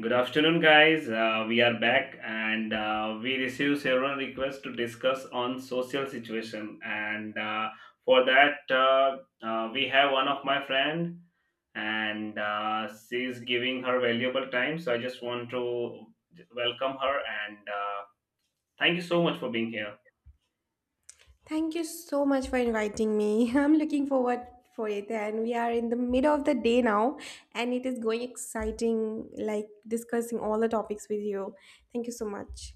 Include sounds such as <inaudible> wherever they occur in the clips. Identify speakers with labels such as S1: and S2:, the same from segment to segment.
S1: Good afternoon, guys. We are back, and we received several requests to discuss on social situation. And For that, we have one of my friend, and she is giving her valuable time. So I just want to welcome her, and thank you so much for being here.
S2: Thank you so much for inviting me. <laughs> I'm looking forward for it, and we are in the middle of the day now, and it is going exciting like discussing all the topics with you. Thank you so much.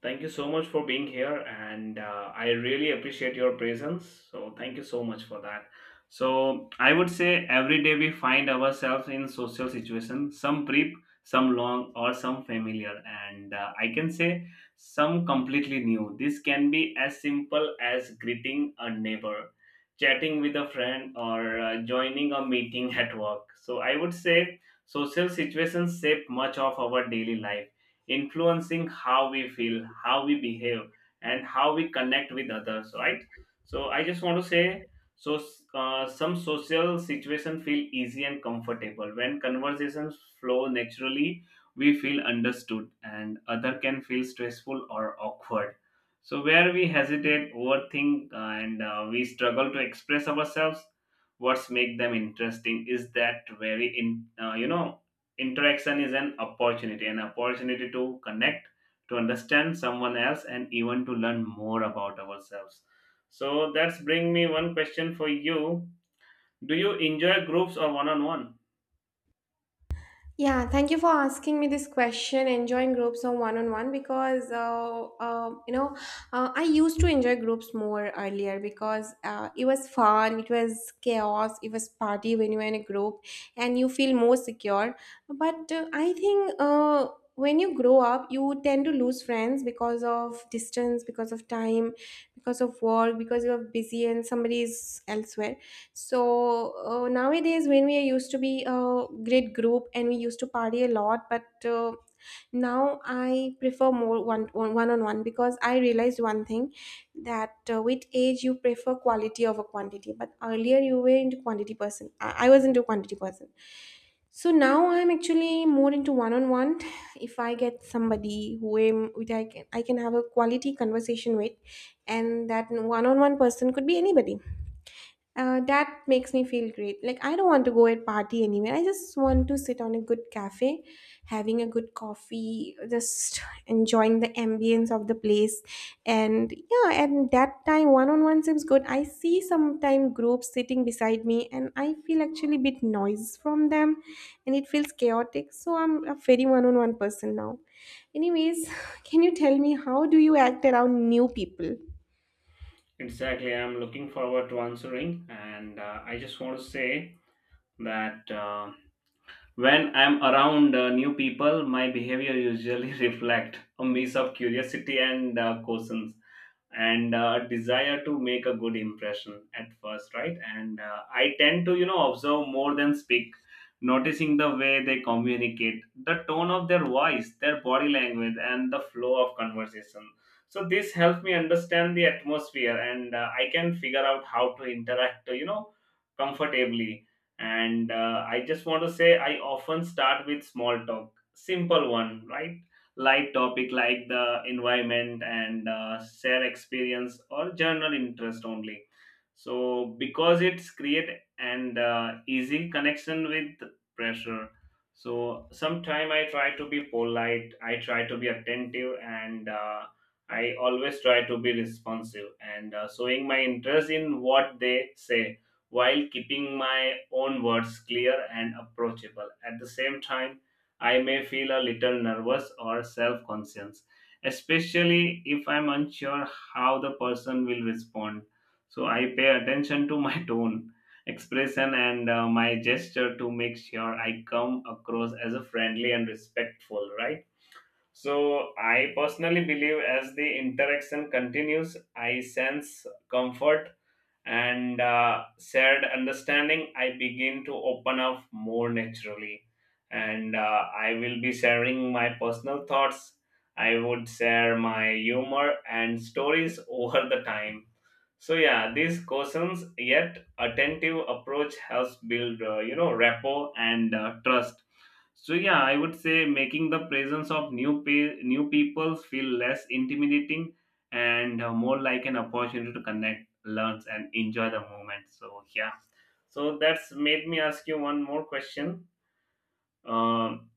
S1: Thank you so much for being here, and I really appreciate your presence. So, thank you so much for that. So, I would say every day we find ourselves in social situations, some brief, some long, or some familiar, and I can say some completely new. This can be as simple as greeting a neighbor, chatting with a friend, or joining a meeting <laughs> at work. So, I would say social situations shape much of our daily life, influencing how we feel, how we behave, and how we connect with others, right? So I just want to say, so some social situation feel easy and comfortable when conversations flow naturally. We feel understood, and other can feel stressful or awkward. So where we hesitate, overthink, and we struggle to express ourselves. What's make them interesting is that very in Interaction is an opportunity to connect, to understand someone else, and even to learn more about ourselves. So that's bring me one question for you. Do you enjoy groups or one on one?
S2: Yeah, thank you for asking me this question. Enjoying groups on one because I used to enjoy groups more earlier because it was fun, it was chaos, it was party when you were in a group, and you feel more secure. But I think when you grow up, you tend to lose friends because of distance, because of time, because of work, because you're busy and somebody is elsewhere. So nowadays, when we used to be a great group and we used to party a lot, but now I prefer more one on one because I realized one thing that with age you prefer quality over quantity. But earlier you were into quantity person. I was into quantity person. So now I'm actually more into one on one. If I get somebody who am with I can have a quality conversation with, and that one on one person could be anybody that makes me feel great. Like I don't want to go and party anywhere. I just want to sit on a good cafe, having a good coffee, just enjoying the ambience of the place. And yeah, and that time one-on-one seems good. I see sometimes groups sitting beside me, and I feel actually a bit noise from them, and it feels chaotic. So I'm a very one-on-one person now. Anyways, <laughs> <sighs> can you tell me how do you act around new people?
S1: Exactly, I'm looking forward to answering, and I just want to say that. When I'm around new people, my behavior usually <laughs> reflect a mix of curiosity and caution and desire to make a good impression at first, right? And I tend to, you know, observe more than speak, noticing the way they communicate, the tone of their voice, their body language, and the flow of conversation. So this helps me understand the atmosphere, and I can figure out how to interact, you know, comfortably, and I just want to say I often start with small talk, simple one, right? Light topic like the environment, and share experience or general interest only, so because it's create and easy connection with pressure. So sometime I try to be polite, I try to be attentive, and I always try to be responsive, and showing my interest in what they say, while keeping my own words clear and approachable. At the same time, I may feel a little nervous or self conscious, especially if I'm unsure how the person will respond. So I pay attention to my <laughs> tone, expression, and my gesture to make sure I come across as a friendly and respectful, right? So I personally believe as the interaction continues, I sense comfort and shared understanding. I begin to open up more naturally, and I will be sharing my personal thoughts. I would share my humor and stories <laughs> over the time. So yeah, these questions yet attentive approach helps build you know rapport and trust. So yeah, I would say making the presence of new people feel less intimidating and more like an opportunity to connect, learn, and enjoy the moment. So yeah, so that's made me ask you one more question. Um,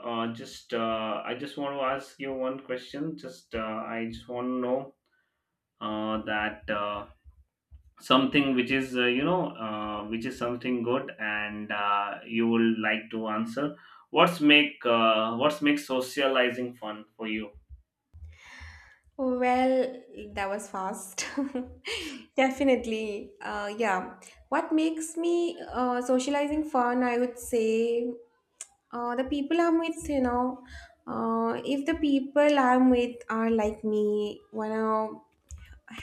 S1: just I just want to ask you one question. Just I just want to know that. Something which is which is something good, and you will like to answer. What's make socializing fun for you?
S2: Well, that was fast. <laughs> Definitely. Yeah. What makes me socializing fun, I would say the people I'm with, you know, if the people I'm with are like me, wanna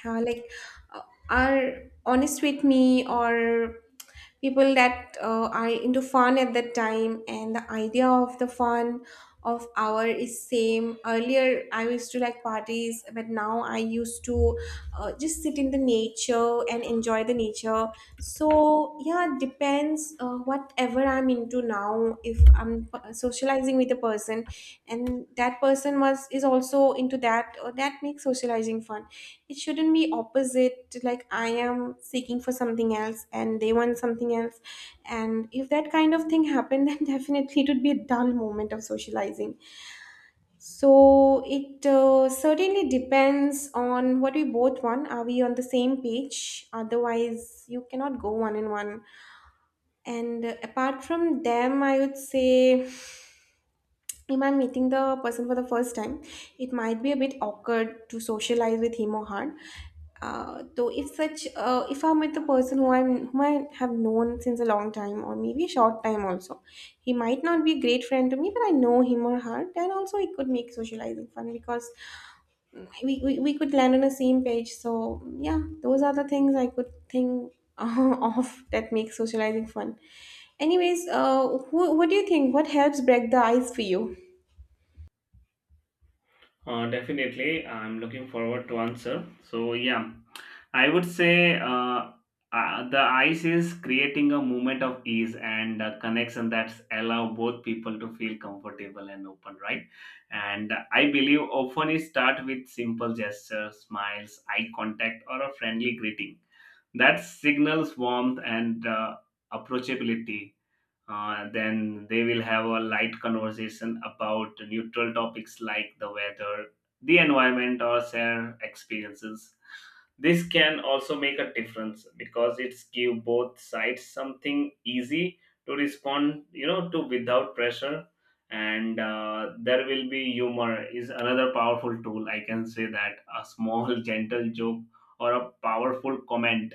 S2: like uh, are honest with me, or people that are into fun at that time, and the idea of the fun of hour is same. Earlier I used to like parties, but now I used to just sit in the nature and enjoy the nature. So yeah, it depends, whatever I'm into now. If I'm socializing with a person and that person was is also into that, or that makes socializing fun. It shouldn't be opposite, like I am seeking for something else and they want something else, and if that kind of thing happened, <laughs> then definitely it would be a dull moment of socializing. So it certainly depends on what we both want. Are we on the same page? Otherwise you cannot go one on one. And apart from them, I would say if I'm meeting the person for the first time, it might be a bit awkward to socialize with him or her. Though if I'm with the person who I'm whom I have known since a long time or maybe a short time also, he might not be a great friend to me, but I know him or her, then also it could make socializing fun because we could land on the same page. So yeah, those are the things I could think <laughs> of that make socializing fun. Anyways, what do you think? What helps break the ice for you?
S1: Definitely I'm looking forward to answer. So yeah, I would say the ice is creating a moment of ease and a connection that's allow both people to feel comfortable and open, right? And I believe often it start with simple gestures, smiles, eye contact, or a friendly greeting that signals warmth and approachability. Then they will have a light conversation about neutral topics like the weather, the environment, or share experiences. This can also make a difference because it's give both sides something easy to respond, you know, to without pressure. And There will be humor is another powerful tool. I can say that a small <laughs> gentle joke or a powerful comment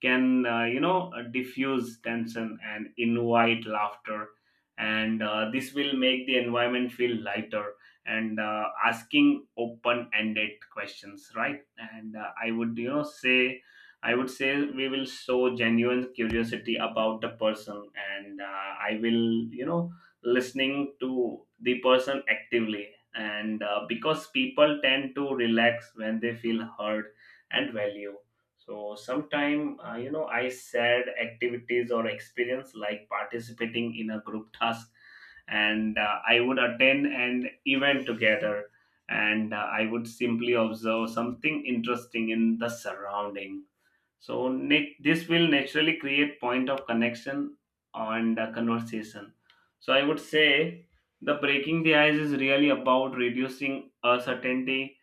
S1: can, diffuse tension and invite laughter, and this will make the environment feel lighter, and asking open-ended questions, right? And I would say we will show genuine curiosity about the person, and I will you know listening to the person actively, and because people tend to relax when they feel heard and valued. So sometime I shared activities or experience like participating in a group task, and I would attend an event together, and I would simply observe something interesting in the surrounding. So this will naturally create point of connection and conversation. So I would say the breaking the ice is really about reducing uncertainty,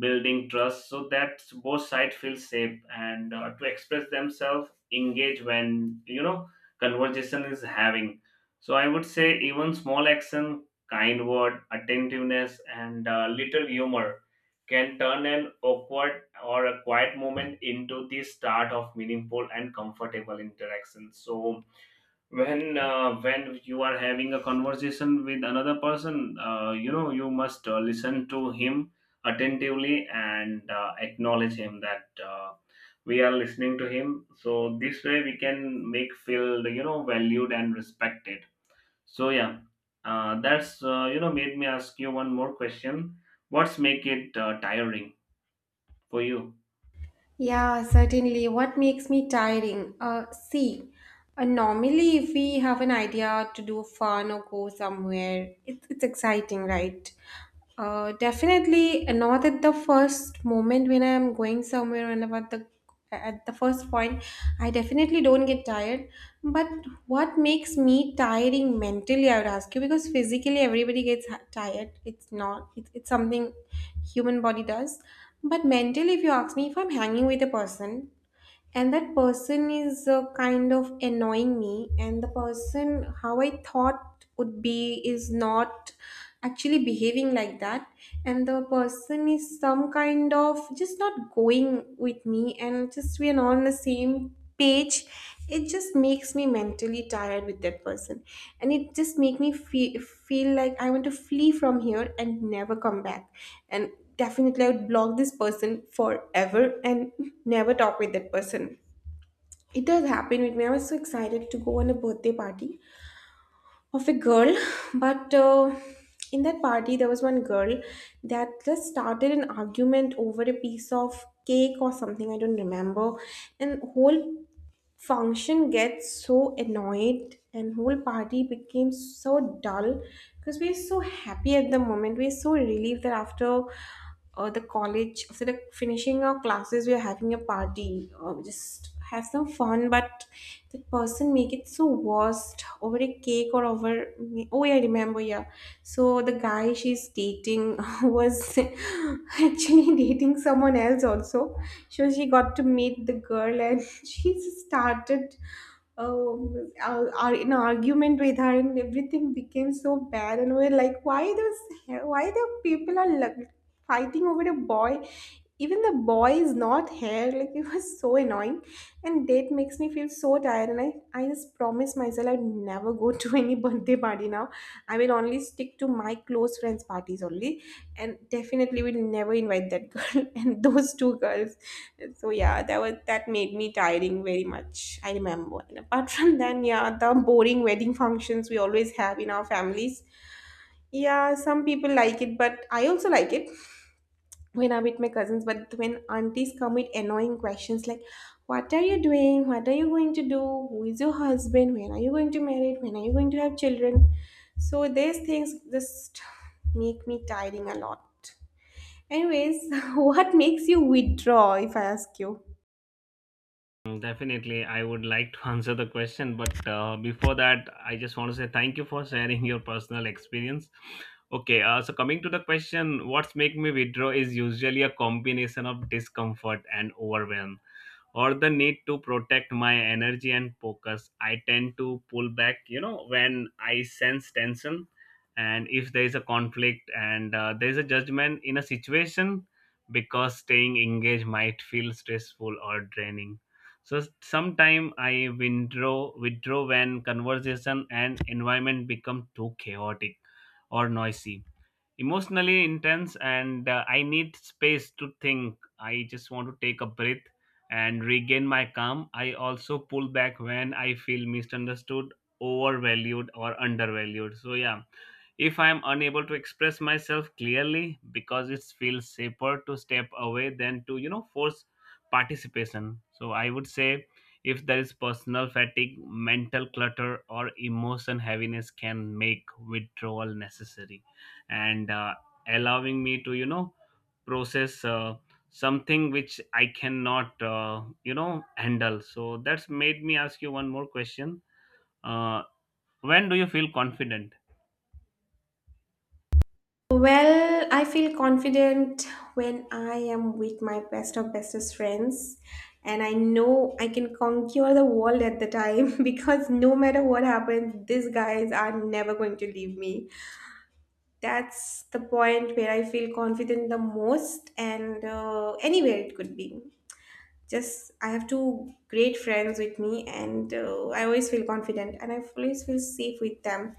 S1: building trust so that both sides feel safe and to express themselves, engage when you know conversation is having. So I would say even small action, kind word, attentiveness, and little humor can turn an awkward or a quiet moment into the start of meaningful and comfortable interaction. So when you are having a conversation with another person, you know you must listen to him attentively, and acknowledge him that we are listening to him, so this way we can make feel you know valued and respected. So yeah, that's made me ask you one more question. What's make it tiring for you?
S2: Yeah, certainly. What makes me tiring? See, normally if we have an idea to do fun or go somewhere, it's exciting, right? Definitely not at the first moment when I am going somewhere and about the at the first point, I definitely don't get tired. But what makes me tiring mentally, I would ask you, because physically everybody gets tired. It's not. It's something human body does. But mentally, if you ask me, if I'm hanging with a person and that person is kind of annoying me, and the person how I thought would be is not actually behaving like that, and the person is some kind of just not going with me, and just we are not on the same page, it just makes me mentally tired with that person, and it just make me feel like I want to flee from here and never come back. And definitely I would block this person forever and <laughs> never talk with that person. It does happen with me. I was so excited to go on a birthday party of a girl, <laughs> but in that party there was one girl that just started an argument over a piece of cake or something, I don't remember. And whole function gets so annoyed, and whole party became so dull because we're so happy at the moment, we're so relieved that after the college after the finishing our classes we're having a party just have some fun. But the person make it so worst over a cake, or over oh yeah, I remember. Yeah, so the guy she's dating <laughs> was <laughs> actually dating someone else also, so she got to meet the girl, and <laughs> she started an argument with her, and everything became so bad. And we are like, why those, why the people are like fighting over a boy, even the boy is not here, like <laughs> it was so annoying. And date makes me feel so tired, and I just promised myself I'd never go to <laughs> any birthday party now. I will only stick to my close friends parties only, and definitely will never invite that girl <laughs> and those two girls. So yeah, that was that made me tiring very much, I remember. And apart from <laughs> then, yeah, the boring wedding functions we always have in our families. Yeah, some people like it, but I also like it when I'm with my cousins. But when aunties come with annoying questions like, what are you doing? What are you going to do? Who is your husband? When are you going to marry? When are you going to have children? So these things just make me tiring a lot. Anyways, <laughs> what makes you withdraw if I ask you?
S1: Mm, definitely, I would like to <laughs> answer the question, but before that, I just want to say thank you for sharing your personal experience. Okay, so coming to the question, what's make me withdraw is usually a combination of discomfort and overwhelm, or the need to protect my energy and focus. I tend to pull back, you know, when I sense tension, and if there is a conflict and there is a judgment in a situation, because staying engaged might feel stressful or draining. So sometime I withdraw when conversation and environment become too chaotic or noisy, emotionally intense, and I need space to think. I just want to take a breath and regain my calm. I also pull back when I feel misunderstood, overvalued or undervalued. So yeah, if I am unable to express myself clearly, because it feels safer to step away than to, you know, force participation. So I would say if there is personal fatigue, mental clutter or emotion heaviness can make withdrawal necessary, and allowing me to, you know, process something which I cannot, handle. So that's made me ask you one more question. uh, when do you feel confident?
S2: Well, I feel confident when I am with my best or bestest friends, and I know I can conquer the world at the time <laughs> because no matter what happens, these guys are never going to leave me. That's the point where I feel confident the most, and anywhere it could be. Just I have two great friends with me, and I always feel confident, and I always feel safe with them.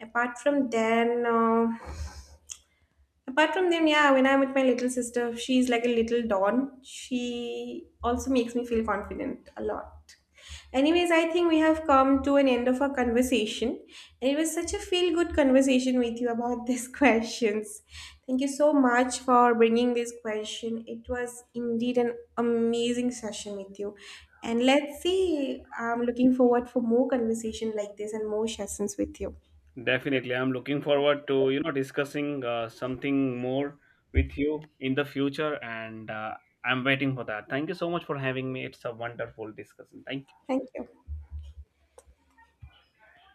S2: Apart from then. Apart from them, yeah, when I'm with my little sister, she's like a little dawn. She also makes me feel confident a lot. Anyways, I think we have come to an end of our conversation, and it was such a feel good conversation with you about <laughs> these questions. Thank you so much for bringing this question. It was indeed an amazing session with you. And let's see, I'm looking forward for more conversation like this and more sessions with you.
S1: Definitely, I'm looking forward to, you know, discussing something more with you in the future, and I'm waiting for that. Thank you so much for having me. It's a wonderful discussion. Thank you.
S2: Thank you.